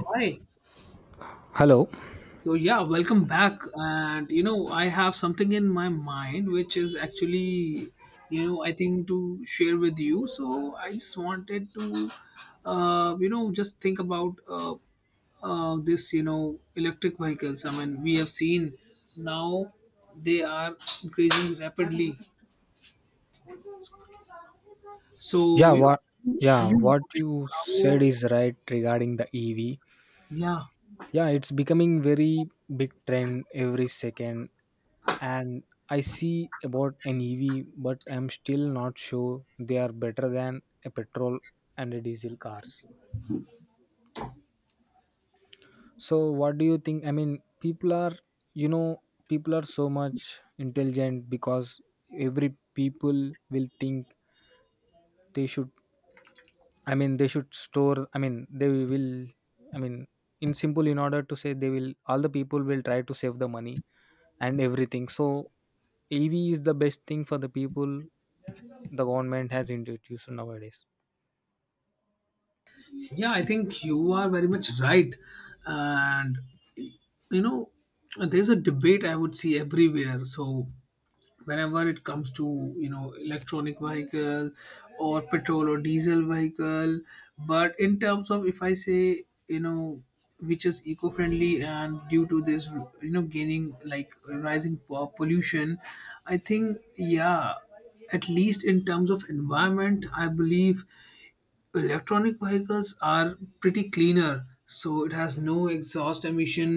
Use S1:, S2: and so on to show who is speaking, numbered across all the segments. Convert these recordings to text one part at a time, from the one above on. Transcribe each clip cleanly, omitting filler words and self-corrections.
S1: Hi.
S2: Hello.
S1: So yeah, welcome back. And I have something in my mind which is actually, I think to share with you. So I just wanted to, just think about this, electric vehicles. I mean, we have seen now they are increasing rapidly.
S2: Yeah,
S1: So
S2: what yeah,
S1: have you
S2: what
S1: noticed
S2: you said
S1: how?
S2: is right regarding the EV.
S1: Yeah,
S2: Yeah, it's becoming very big trend every second, and I see about an EV, but I'm still not sure they are better than a petrol and a diesel cars. So what do you think? People are you know, people are so much intelligent because every people will think they should they should store. They will. I mean, in simple, in order to say they will, all the people will try to save the money and everything. So EV is the best thing for the people. The government has introduced nowadays.
S1: yeah. I think you are very much right, and you know there's a debate I would see everywhere. So whenever it comes to electronic vehicle or petrol or diesel vehicle, but in terms of, if I say, which is eco-friendly, and due to this, gaining like rising pollution, I think yeah, at least in terms of environment, I believe electronic vehicles are pretty cleaner, so it has no exhaust emission,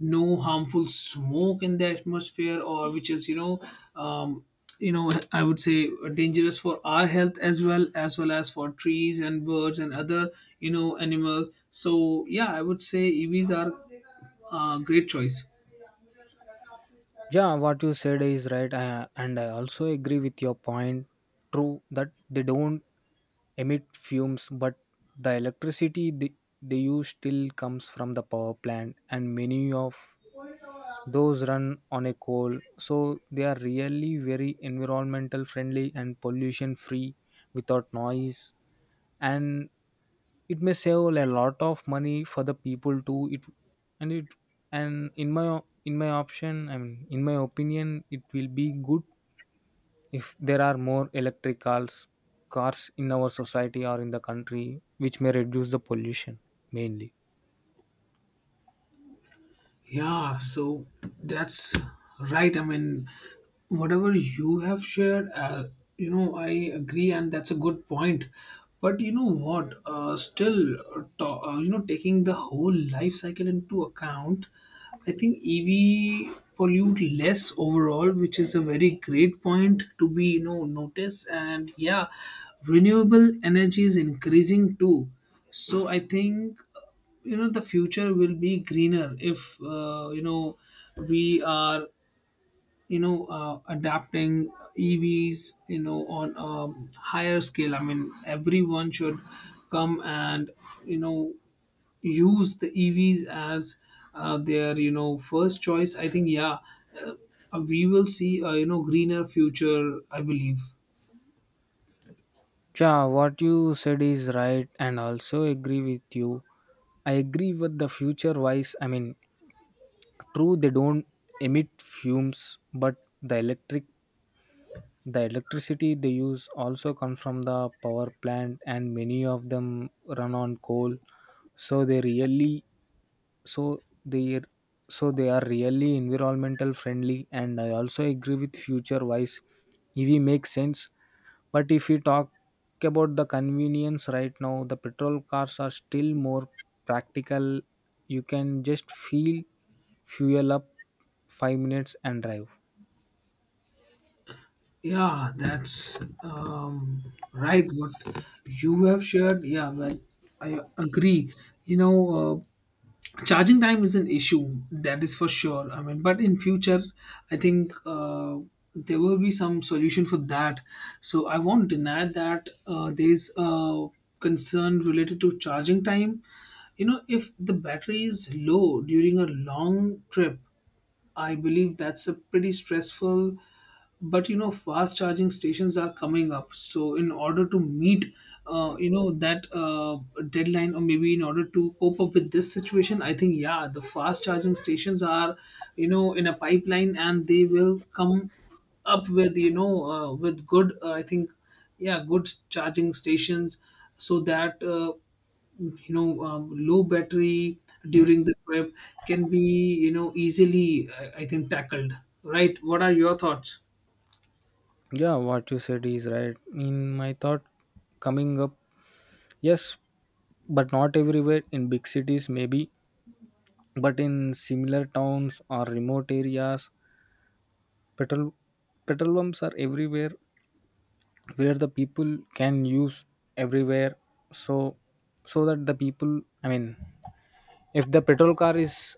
S1: no harmful smoke in the atmosphere, or which is, um, I would say, dangerous for our health, as well as for trees and birds and other, animals. So yeah, I would say EVs are a great choice.
S2: Yeah, what you said is right, and I also agree with your point. True that they don't emit fumes, but the electricity they use still comes from the power plant, and many of those run on a coal, so they are really very environmental friendly and pollution free without noise. And it may save a lot of money for the people too. It and it and in my opinion, it will be good if there are more electric cars in our society or in the country, which may reduce the pollution mainly.
S1: Yeah, so that's right. I mean, whatever you have shared, I agree, and that's a good point. But you know what? Still, taking the whole life cycle into account, I think EV pollute less overall, which is a very great point to be noticed. And yeah, renewable energy is increasing too. So I think the future will be greener if we are adapting EVs on a higher scale. I mean, everyone should come and you know use the EVs as their first choice. I think yeah, uh, we will see a greener future, I believe.
S2: Yeah, what you said is right, and also agree with you. I agree with the future wise. True, they don't emit fumes, but the electric, the electricity they use also comes from the power plant, and many of them run on coal, so they really so they so they are really environmental friendly, and I also agree with future wise EV makes sense. But if we talk about the convenience right now, the petrol cars are still more practical. You can just feel, fuel up 5 minutes and drive.
S1: Yeah, that's right. What you have shared, yeah, well, I agree. You know, uh, Charging time is an issue, that is for sure. I mean, but in future, I think there will be some solution for that. So I won't deny that there's a concern related to charging time. You know, if the battery is low during a long trip, I believe that's a pretty stressful. But you know, fast charging stations are coming up. So in order to meet, that deadline, or maybe in order to cope up with this situation, I think yeah, the fast charging stations are, in a pipeline, and they will come up with good, I think, yeah, good charging stations, so that. Low battery during the trip can be easily, I think, tackled. Right, what are your thoughts?
S2: Yeah, what you said is right. In my thought, coming up, yes, but not everywhere in big cities maybe, but in similar towns or remote areas, petrol petrol pumps are everywhere, where the people can use everywhere. So so that the people, i mean if the petrol car is,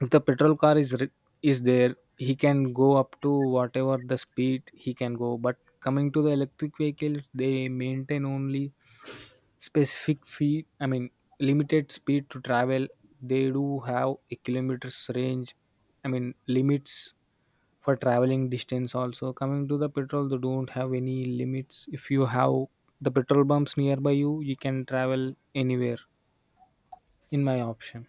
S2: if the petrol car is re- is there, he can go up to whatever the speed he can go. But coming to the electric vehicles, they maintain only specific feet, limited speed to travel. They do have a kilometers range, limits for traveling distance. Also coming to the petrol, they don't have any limits. If you have the petrol pumps nearby you you can travel anywhere, in my option.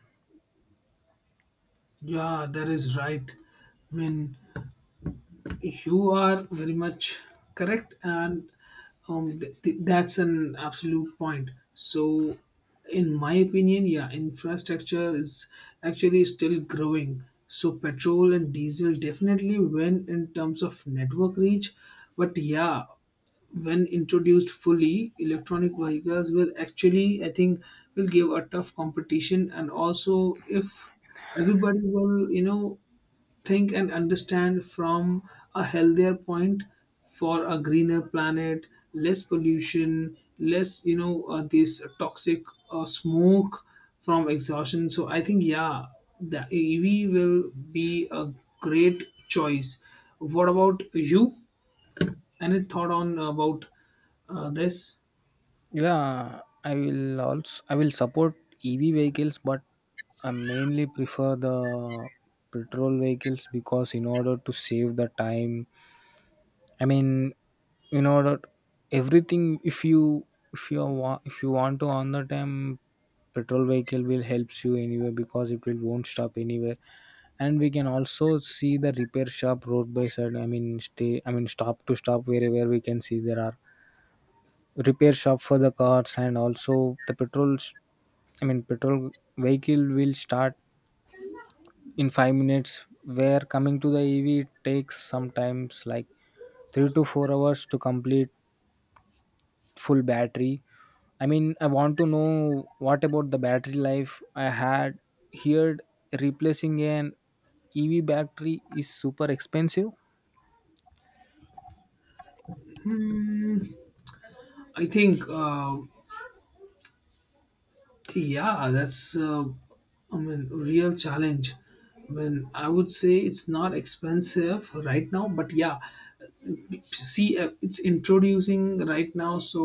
S1: Yeah, that is right. I mean, you are very much correct, and that's an absolute point. So, in my opinion, yeah, infrastructure is actually still growing. So, petrol and diesel definitely win in terms of network reach, but yeah, when introduced fully, electronic vehicles will actually, I think, will give a tough competition, and also if everybody will, think and understand from a healthier point, for a greener planet, less pollution, less this toxic, smoke from exhaustion. So I think yeah, the EV will be a great choice. What about you? Any thought on about this?
S2: Yeah, I will support EV vehicles, but I mainly prefer the petrol vehicles, because in order to save the time, i mean you know that everything. If you want, to on the time, petrol vehicle will helps you anywhere, because it will won't stop anywhere. And we can also see the repair shop road by side, I mean stay I mean stop to stop wherever we can see. There are repair shop for the cars. And also the petrols, petrol vehicle will start in 5 minutes, where coming to the EV it takes sometimes like 3 to 4 hours to complete full battery. I mean, I want to know what about the battery life. I had heard replacing an EV battery is super expensive.
S1: Hmm, I think yeah, that's I mean, real challenge. I mean, I would say it's not expensive right now, but yeah, see it's introducing right now, so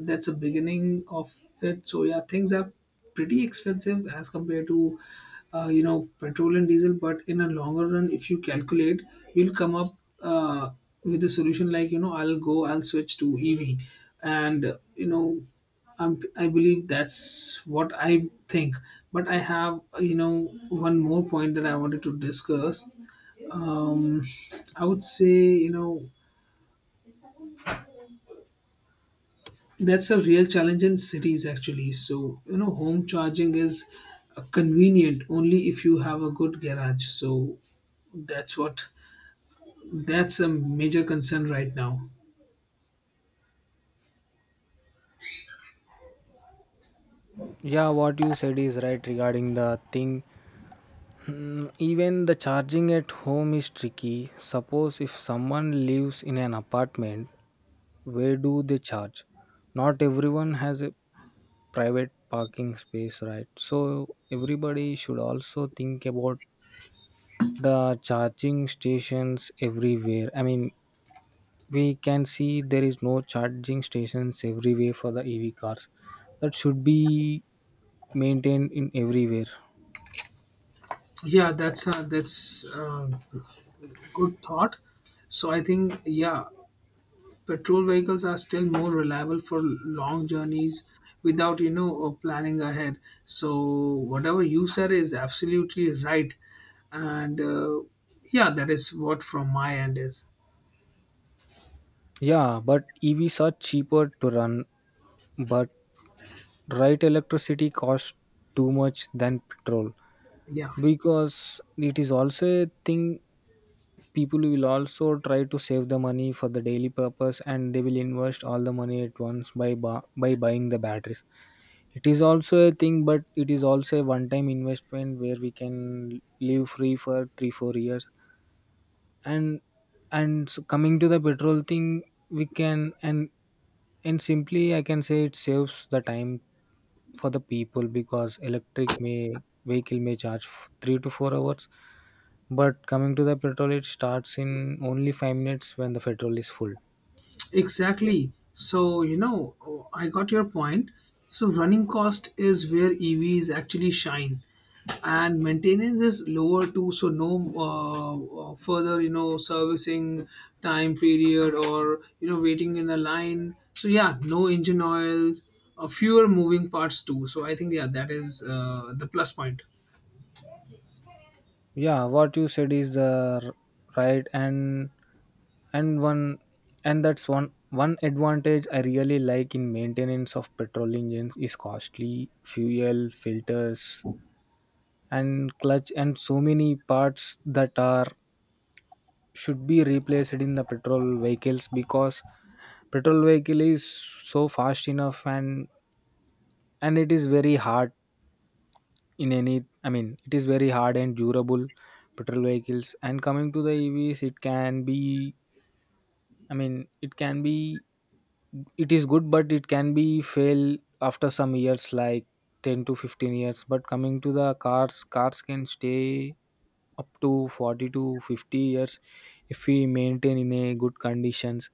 S1: that's a beginning of it. So yeah, things are pretty expensive as compared to petrol and diesel, but in a longer run, if you calculate, you'll come up uh, with a solution like I'll switch to EV. And I believe that's what I think. But I have, one more point that I wanted to discuss. Um, I would say, that's a real challenge in cities actually. So, home charging is convenient only if you have a good garage. So, that's what that's a major concern right now.
S2: Yeah, what you said is right regarding the thing. Hmm. Even the charging at home is tricky. Suppose if someone lives in an apartment, where do they charge? Not everyone has a private parking space, right? So everybody should also think about the charging stations everywhere. I mean, we can see there is no charging stations everywhere for the EV cars. That should be maintained in everywhere.
S1: Yeah, that's a good thought. So, I think yeah, petrol vehicles are still more reliable for long journeys without, planning ahead. So, whatever you said is absolutely right. And yeah, that is what from my end is.
S2: Yeah, but EVs are cheaper to run, but right, electricity costs too much than petrol.
S1: Yeah,
S2: Because it is also a thing, people will also try to save the money for the daily purpose, and they will invest all the money at once by by buying the batteries. It is also a thing, but it is also a one time investment where we can live free for 3 4 years. And and so coming to the petrol thing, we can and simply I can say it saves the time for the people, because electric may vehicle may charge 3 to 4 hours. But coming to the petrol, it starts in only 5 minutes when the petrol is full.
S1: exactly. So, oh, I got your point. So, running cost is where EVs actually shine, and maintenance is lower too. So, no further, servicing time period or, waiting in a line. So, yeah, no engine oil, fewer moving parts too. So, I think, yeah, that is the plus point.
S2: Yeah, what you said is right. And and one and that's one advantage I really like. In maintenance of petrol engines, is costly fuel filters and clutch and so many parts that are should be replaced in the petrol vehicles. Because petrol vehicle is so fast enough, and it is very hard in any, it is very hard and durable, petrol vehicles. And coming to the EVs, it can be, i mean it can be it is good, but it can be fail after some years, like 10 to 15 years. But coming to the cars, cars can stay up to 40 to 50 years if we maintain in a good conditions.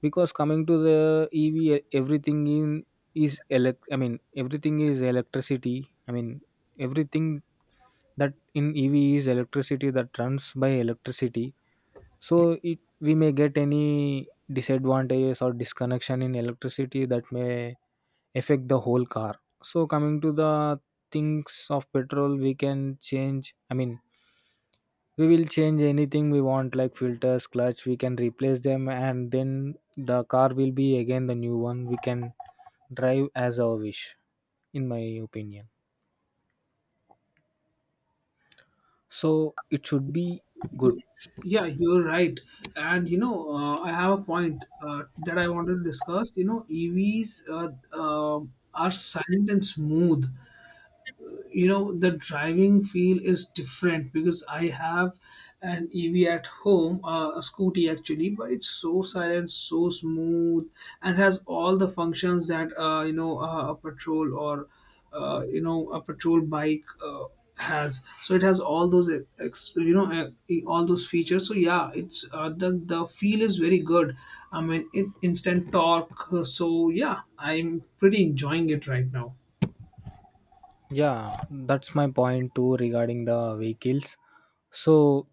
S2: Because coming to the EV, e- everything in is elect I mean everything is electricity. i mean everything that in EV is electricity, that runs by electricity. So it, we may get any disadvantages or disconnection in electricity that may affect the whole car. So coming to the things of petrol, we can change, i mean we will change anything we want, like filters, clutch, we can replace them, and then the car will be again the new one, we can drive as our wish, in my opinion. So it should be good.
S1: Yeah, you're right. And I have a point that I wanted to discuss. EVs uh, are silent and smooth. The driving feel is different, because I have an EV at home, a scooty actually, but it's so silent, so smooth, and has all the functions that a patrol or a patrol bike has. So it has all those ex- you know uh, all those features. So yeah, it's the feel is very good. I mean, instant torque. So yeah, I'm pretty enjoying it right now.
S2: Yeah, that's my point too regarding the vehicles. So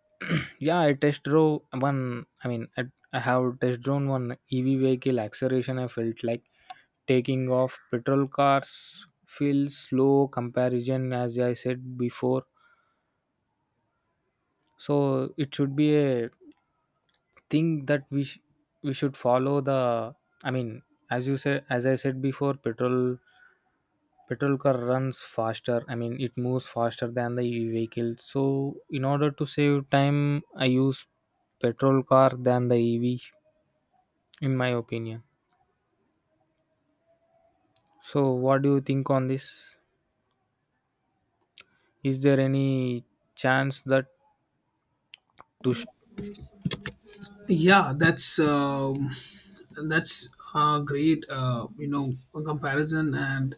S2: yeah, I test drove one, I have test drone one EV vehicle acceleration. I felt like taking off. Petrol cars feel slow comparison, as I said before. So it should be a thing that we should follow the. I mean, as you said, as I said before, petrol car runs faster. I mean, it moves faster than the EV vehicle. So in order to save time, I use petrol car than the EV, in my opinion. So what do you think on this? Is there any chance that to sh-
S1: Yeah, that's And that's a great, comparison. And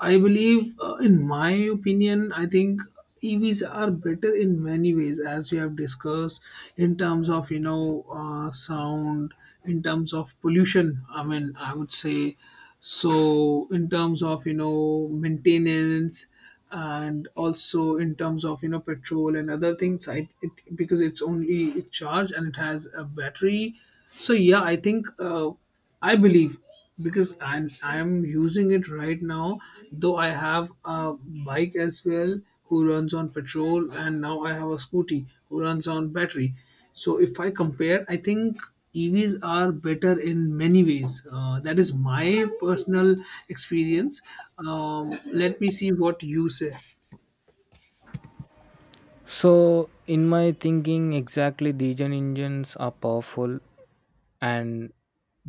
S1: I believe, in my opinion, I think EVs are better in many ways, as we have discussed, in terms of sound, in terms of pollution. I mean, I would say so. In terms of maintenance, and also in terms of petrol and other things. Because it's only charged and it has a battery. So yeah, I think. I believe, because I'm using it right now. Though I have a bike as well who runs on petrol, and now I have a scooty who runs on battery. So if I compare, I think EVs are better in many ways. That is my personal experience. Let me see what you say.
S2: So in my thinking exactly, diesel engines are powerful and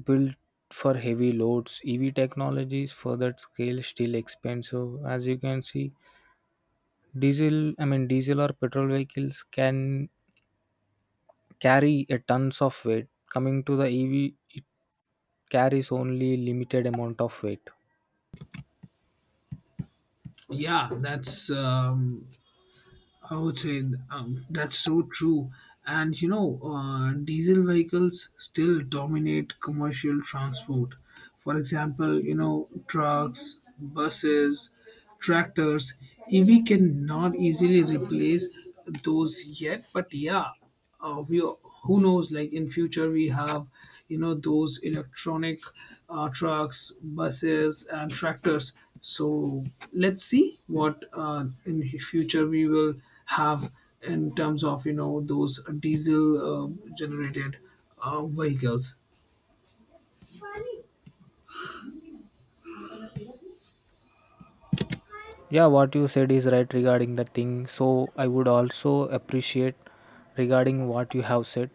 S2: built for heavy loads. EV technologies for that scale still expensive. As you can see, diesel I mean diesel or petrol vehicles can carry a tons of weight. Coming to the EV, it carries only limited amount of weight.
S1: Yeah, that's I would say, that's so true. And diesel vehicles still dominate commercial transport. For example, trucks, buses, tractors, EV cannot easily replace those yet, but yeah, we who knows, like in future we have those electronic, trucks, buses, and tractors. So let's see what in future we will have in terms of those diesel, uh, generated, vehicles.
S2: Yeah, what you said is right regarding the thing. So I would also appreciate regarding what you have said.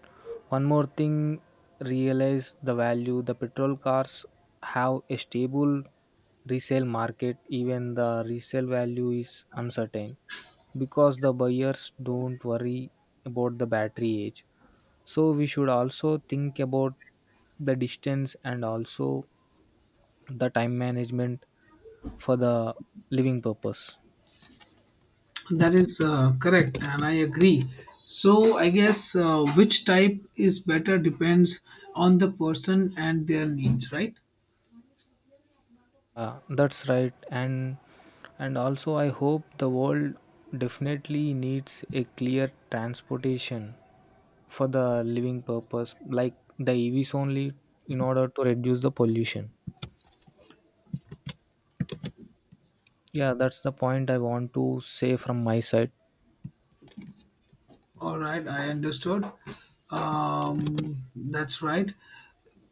S2: One more thing, realize the value. The petrol cars have a stable resale market, even the resale value is uncertain, because the buyers don't worry about the battery age. So we should also think about the distance, and also the time management for the living purpose.
S1: That is correct, and I agree. So I guess which type is better depends on the person and their needs, right?
S2: Yeah, that's right. And also I hope the world definitely needs a clear transportation for the living purpose, like the EVs only, in order to reduce the pollution. Yeah, that's the point I want to say from my side.
S1: All right, I understood. That's right.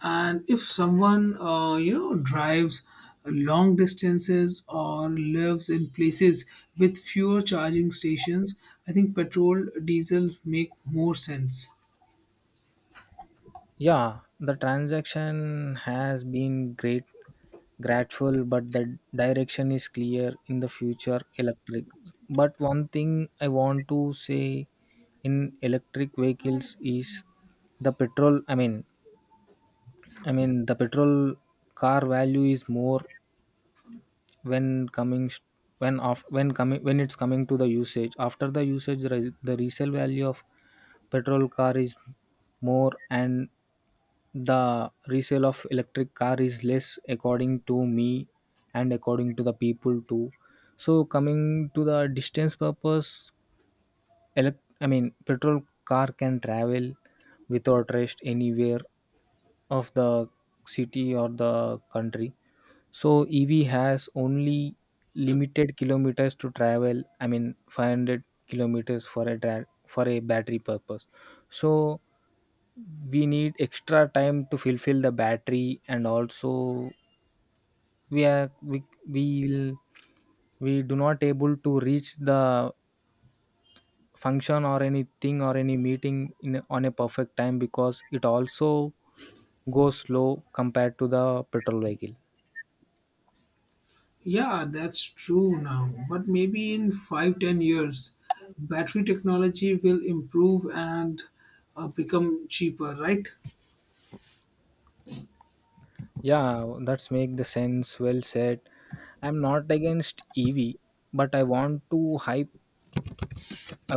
S1: And if someone, drives long distances or lives in places with fewer charging stations, I think petrol, diesel make more sense.
S2: Yeah, the transaction has been great, grateful, but the direction is clear in the future electric. But one thing I want to say in electric vehicles is the petrol. The petrol car value is more when coming, when off, when coming, when it's coming to the usage. After the usage, the resale value of petrol car is more, and the resale of electric car is less, according to me and according to the people too. So coming to the distance purpose, petrol car can travel without rest anywhere of the city or the country. So EV has only limited kilometers to travel, I mean 500 kilometers, for a for a battery purpose. So we need extra time to fulfill the battery. And also we are we will we do not able to reach the function or anything or any meeting in on a perfect time, because it also goes slow compared to the petrol vehicle.
S1: Yeah, that's true now. But maybe in 5, 10 years, battery technology will improve and become cheaper, right?
S2: Yeah, that's make the sense, well said. I'm not against EV, but I want to hype,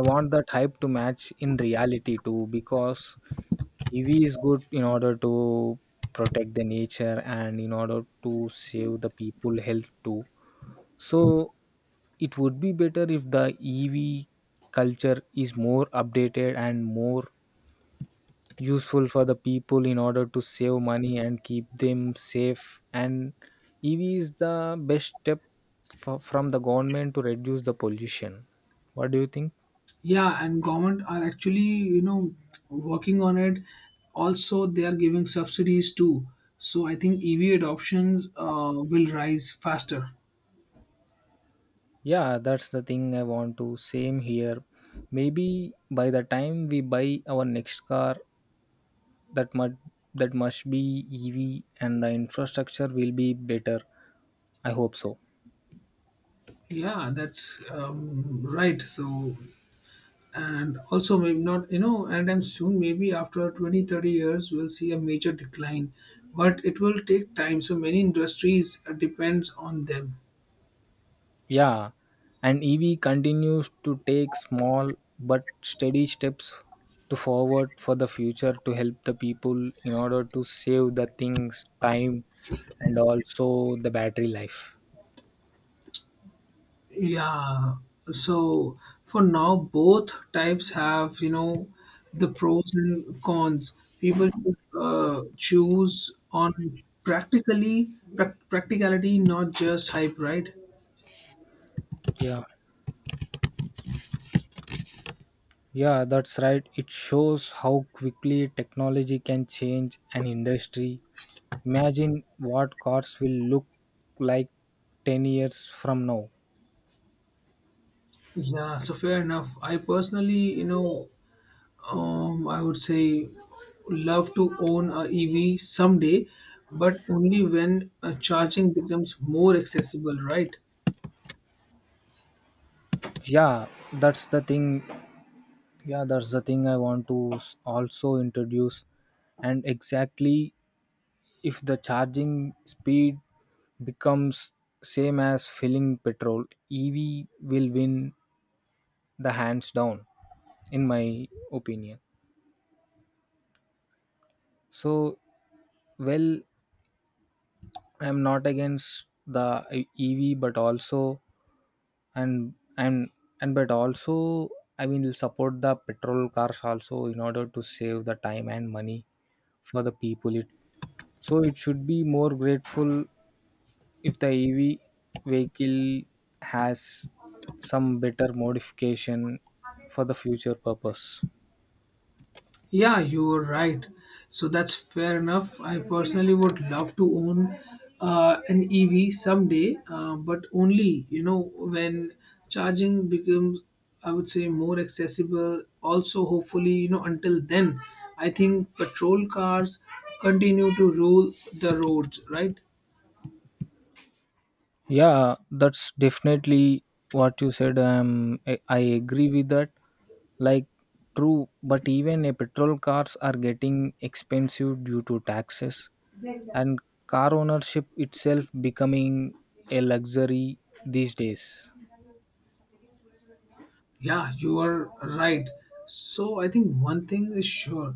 S2: I want that hype to match in reality too. Because EV is good in order to protect the nature, and in order to save the people health too. So it would be better if the EV culture is more updated and more useful for the people, in order to save money and keep them safe. And EV is the best step for, from the government to reduce the pollution. What do you think?
S1: Yeah, and government are actually, you know working on it. Also they are giving subsidies too. So I think EV adoptions will rise faster.
S2: Yeah, that's the thing I want to. Same here. Maybe by the time we buy our next car, that must that must be EV and the infrastructure will be better. I hope so.
S1: Yeah, that's right. So, and also maybe not anytime soon, maybe after 20-30 years we'll see a major decline, but it will take time. So many industries depends on them.
S2: Yeah, and EV continues to take small but steady steps to forward for the future to help the people in order to save the things, time, and also the battery life.
S1: Yeah, so for now, both types have, the pros and cons. People should choose on practically prac practicality, not just hype, right?
S2: Yeah. Yeah, that's right. It shows how quickly technology can change an industry. Imagine what cars will look like 10 years from now.
S1: Yeah, so fair enough. I personally, I would say, love to own a EV someday, but only when charging becomes more accessible, right?
S2: Yeah, that's the thing. Yeah, that's the thing I want to also introduce. And exactly if the charging speed becomes same as filling petrol, EV will win the hands down in my opinion. So, well, I'm not against the EV, but also and and and but also I will support the petrol cars also in order to save the time and money for the people. It so it should be more grateful if the EV vehicle has some better modification for the future purpose.
S1: Yeah, you're right. So that's fair enough. I personally would love to own an EV someday, but only when charging becomes, I would say, more accessible. Also, hopefully, until then, I think patrol cars continue to rule the roads, right?
S2: Yeah, that's definitely what you said. I agree with that. Like, true, but even a petrol cars are getting expensive due to taxes and car ownership itself becoming a luxury these days.
S1: Yeah, you are right. So I think one thing is sure,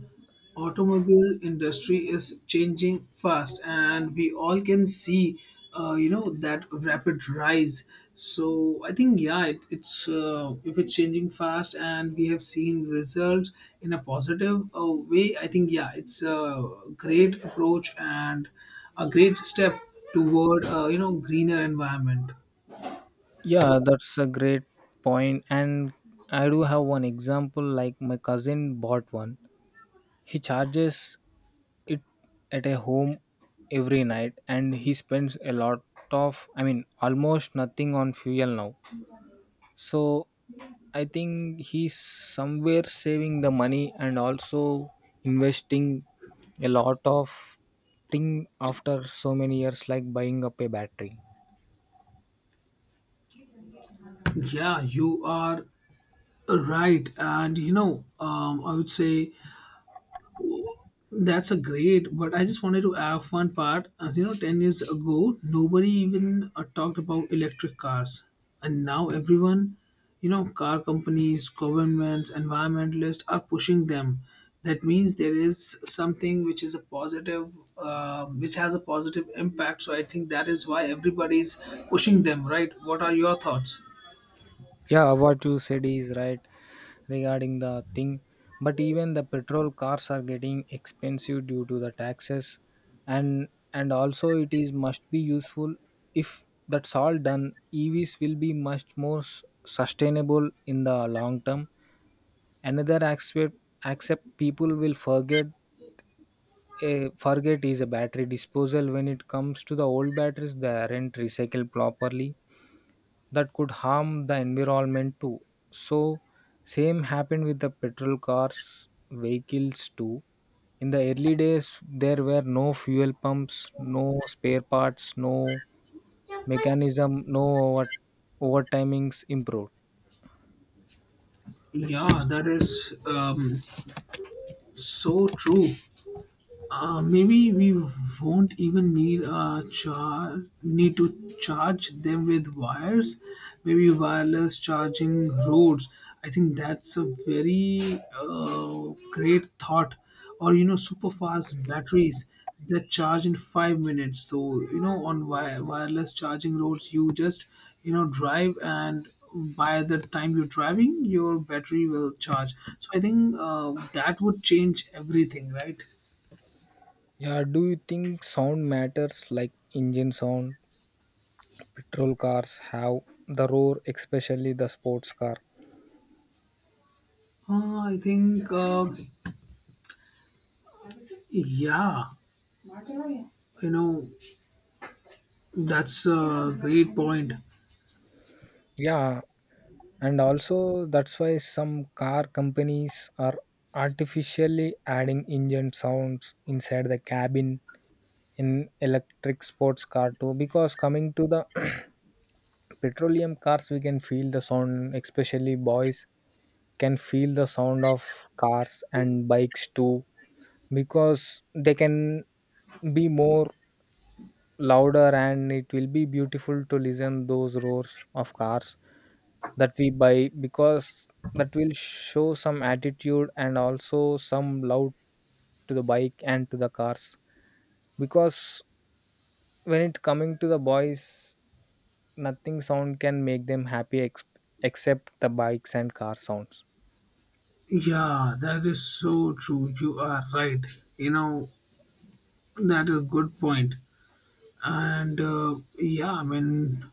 S1: automobile industry is changing fast, and we all can see, that rapid rise. So I think yeah, it, it's if it's changing fast, and we have seen results in a positive way. I think yeah, it's a great approach and a great step toward greener environment.
S2: Yeah, that's a great point. And I do have one example. Like my cousin bought one. He charges it at a home every night and he spends a lot of, I mean almost nothing on fuel now. So I think he's somewhere saving the money and also investing a lot of thing after so many years like buying up a battery.
S1: Yeah, you are right, and I would say, that's a great. But I just wanted to add one part. As you know, 10 years ago, nobody even talked about electric cars, and now everyone, car companies, governments, environmentalists are pushing them. That means there is something which is a positive, which has a positive impact. So I think that is why everybody is pushing them. Right? What are your thoughts?
S2: Yeah, what you said is right regarding the thing, but even the petrol cars are getting expensive due to the taxes. and and also it is must be useful if that's all done, EVs will be much more sustainable in the long term. Another aspect, accept people will forget a forget is a battery disposal. When it comes to the old batteries, they aren't recycled properly. That could harm the environment too. So same happened with the petrol cars vehicles too. In the early days, there were no fuel pumps, no spare parts, no mechanism, no over, overtimings improved.
S1: Yeah, that is so true. Maybe we won't even need to charge them with wires. Maybe wireless charging roads. I think that's a very great thought. Or super fast batteries that charge in 5 minutes. So on wireless charging roads, you just drive, and by the time you're driving your battery will charge. So I think that would change everything, right?
S2: Yeah, do you think sound matters, like engine sound? Petrol cars have the roar, especially the sports car.
S1: I think, yeah, you know, that's a great point.
S2: Yeah, and also that's why some car companies are artificially adding engine sounds inside the cabin in electric sports car too. Because coming to the petroleum cars, we can feel the sound, especially boys can feel the sound of cars and bikes too, because they can be more louder and it will be beautiful to listen those roars of cars that we buy, because that will show some attitude and also some love to the bike and to the cars. Because when it coming to the boys, nothing sound can make them happy except the bikes and car sounds.
S1: Yeah, that is so true. You are right. You know, that is a good point. And yeah, I mean,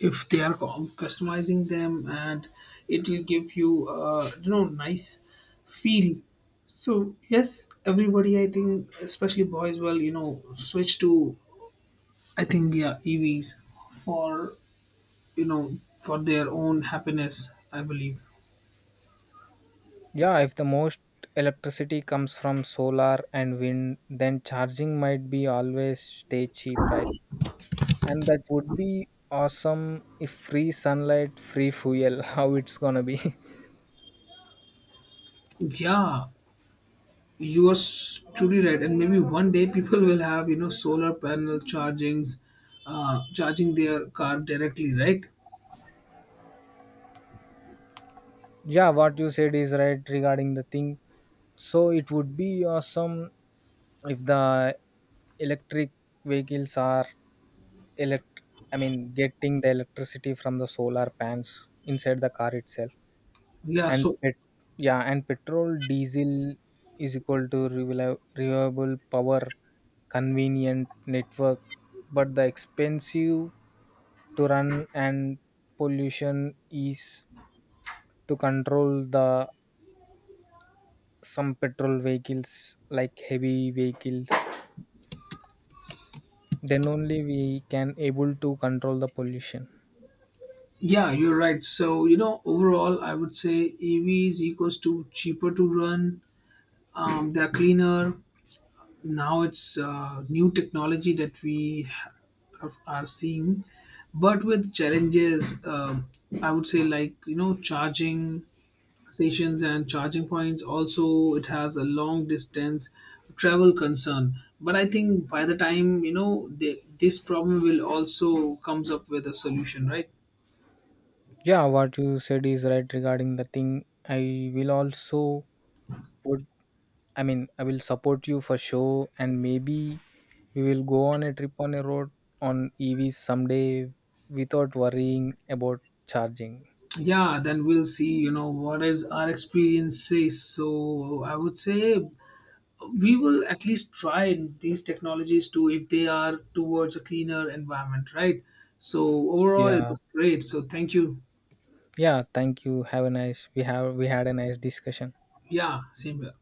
S1: if they are customizing them, and it will give you, nice feel. So yes, everybody, I think, especially boys, well, switch to, I think, yeah, EVs for you know for their own happiness, I believe.
S2: Yeah, if the most electricity comes from solar and wind, then charging might be always stay cheap, right? And that would be awesome if free sunlight, free fuel, how it's gonna be.
S1: Yeah, you are truly right. And maybe one day people will have solar panel charging their car directly, right?
S2: Yeah, what you said is right regarding the thing. So it would be awesome if the electric vehicles are elect I mean getting the electricity from the solar pans inside the car itself.
S1: Yeah,
S2: and
S1: so
S2: pet yeah, and petrol diesel is equal to reliable power, convenient network, but the expensive to run. And pollution is to control the some petrol vehicles like heavy vehicles, then only we can able to control the pollution.
S1: yeah, you're right. So overall, I would say EVs equals to cheaper to run. They're cleaner. Now it's new technology that we are seeing, but with challenges. um, I would say, like, charging stations and charging points. Also, it has a long distance travel concern. But I think by the time this problem will also comes up with a solution, right?
S2: Yeah, what you said is right regarding the thing. I will also put, I mean, I will support you for sure, and maybe we will go on a trip on a road on EVs someday without worrying about charging.
S1: Yeah, then we'll see. You know what is our experience says. So I would say we will at least try these technologies too if they are towards a cleaner environment, right? So overall, it
S2: Yeah,
S1: was great. So thank you.
S2: yeah. Thank you. Have a nice. We have we had a nice discussion.
S1: Yeah, same here.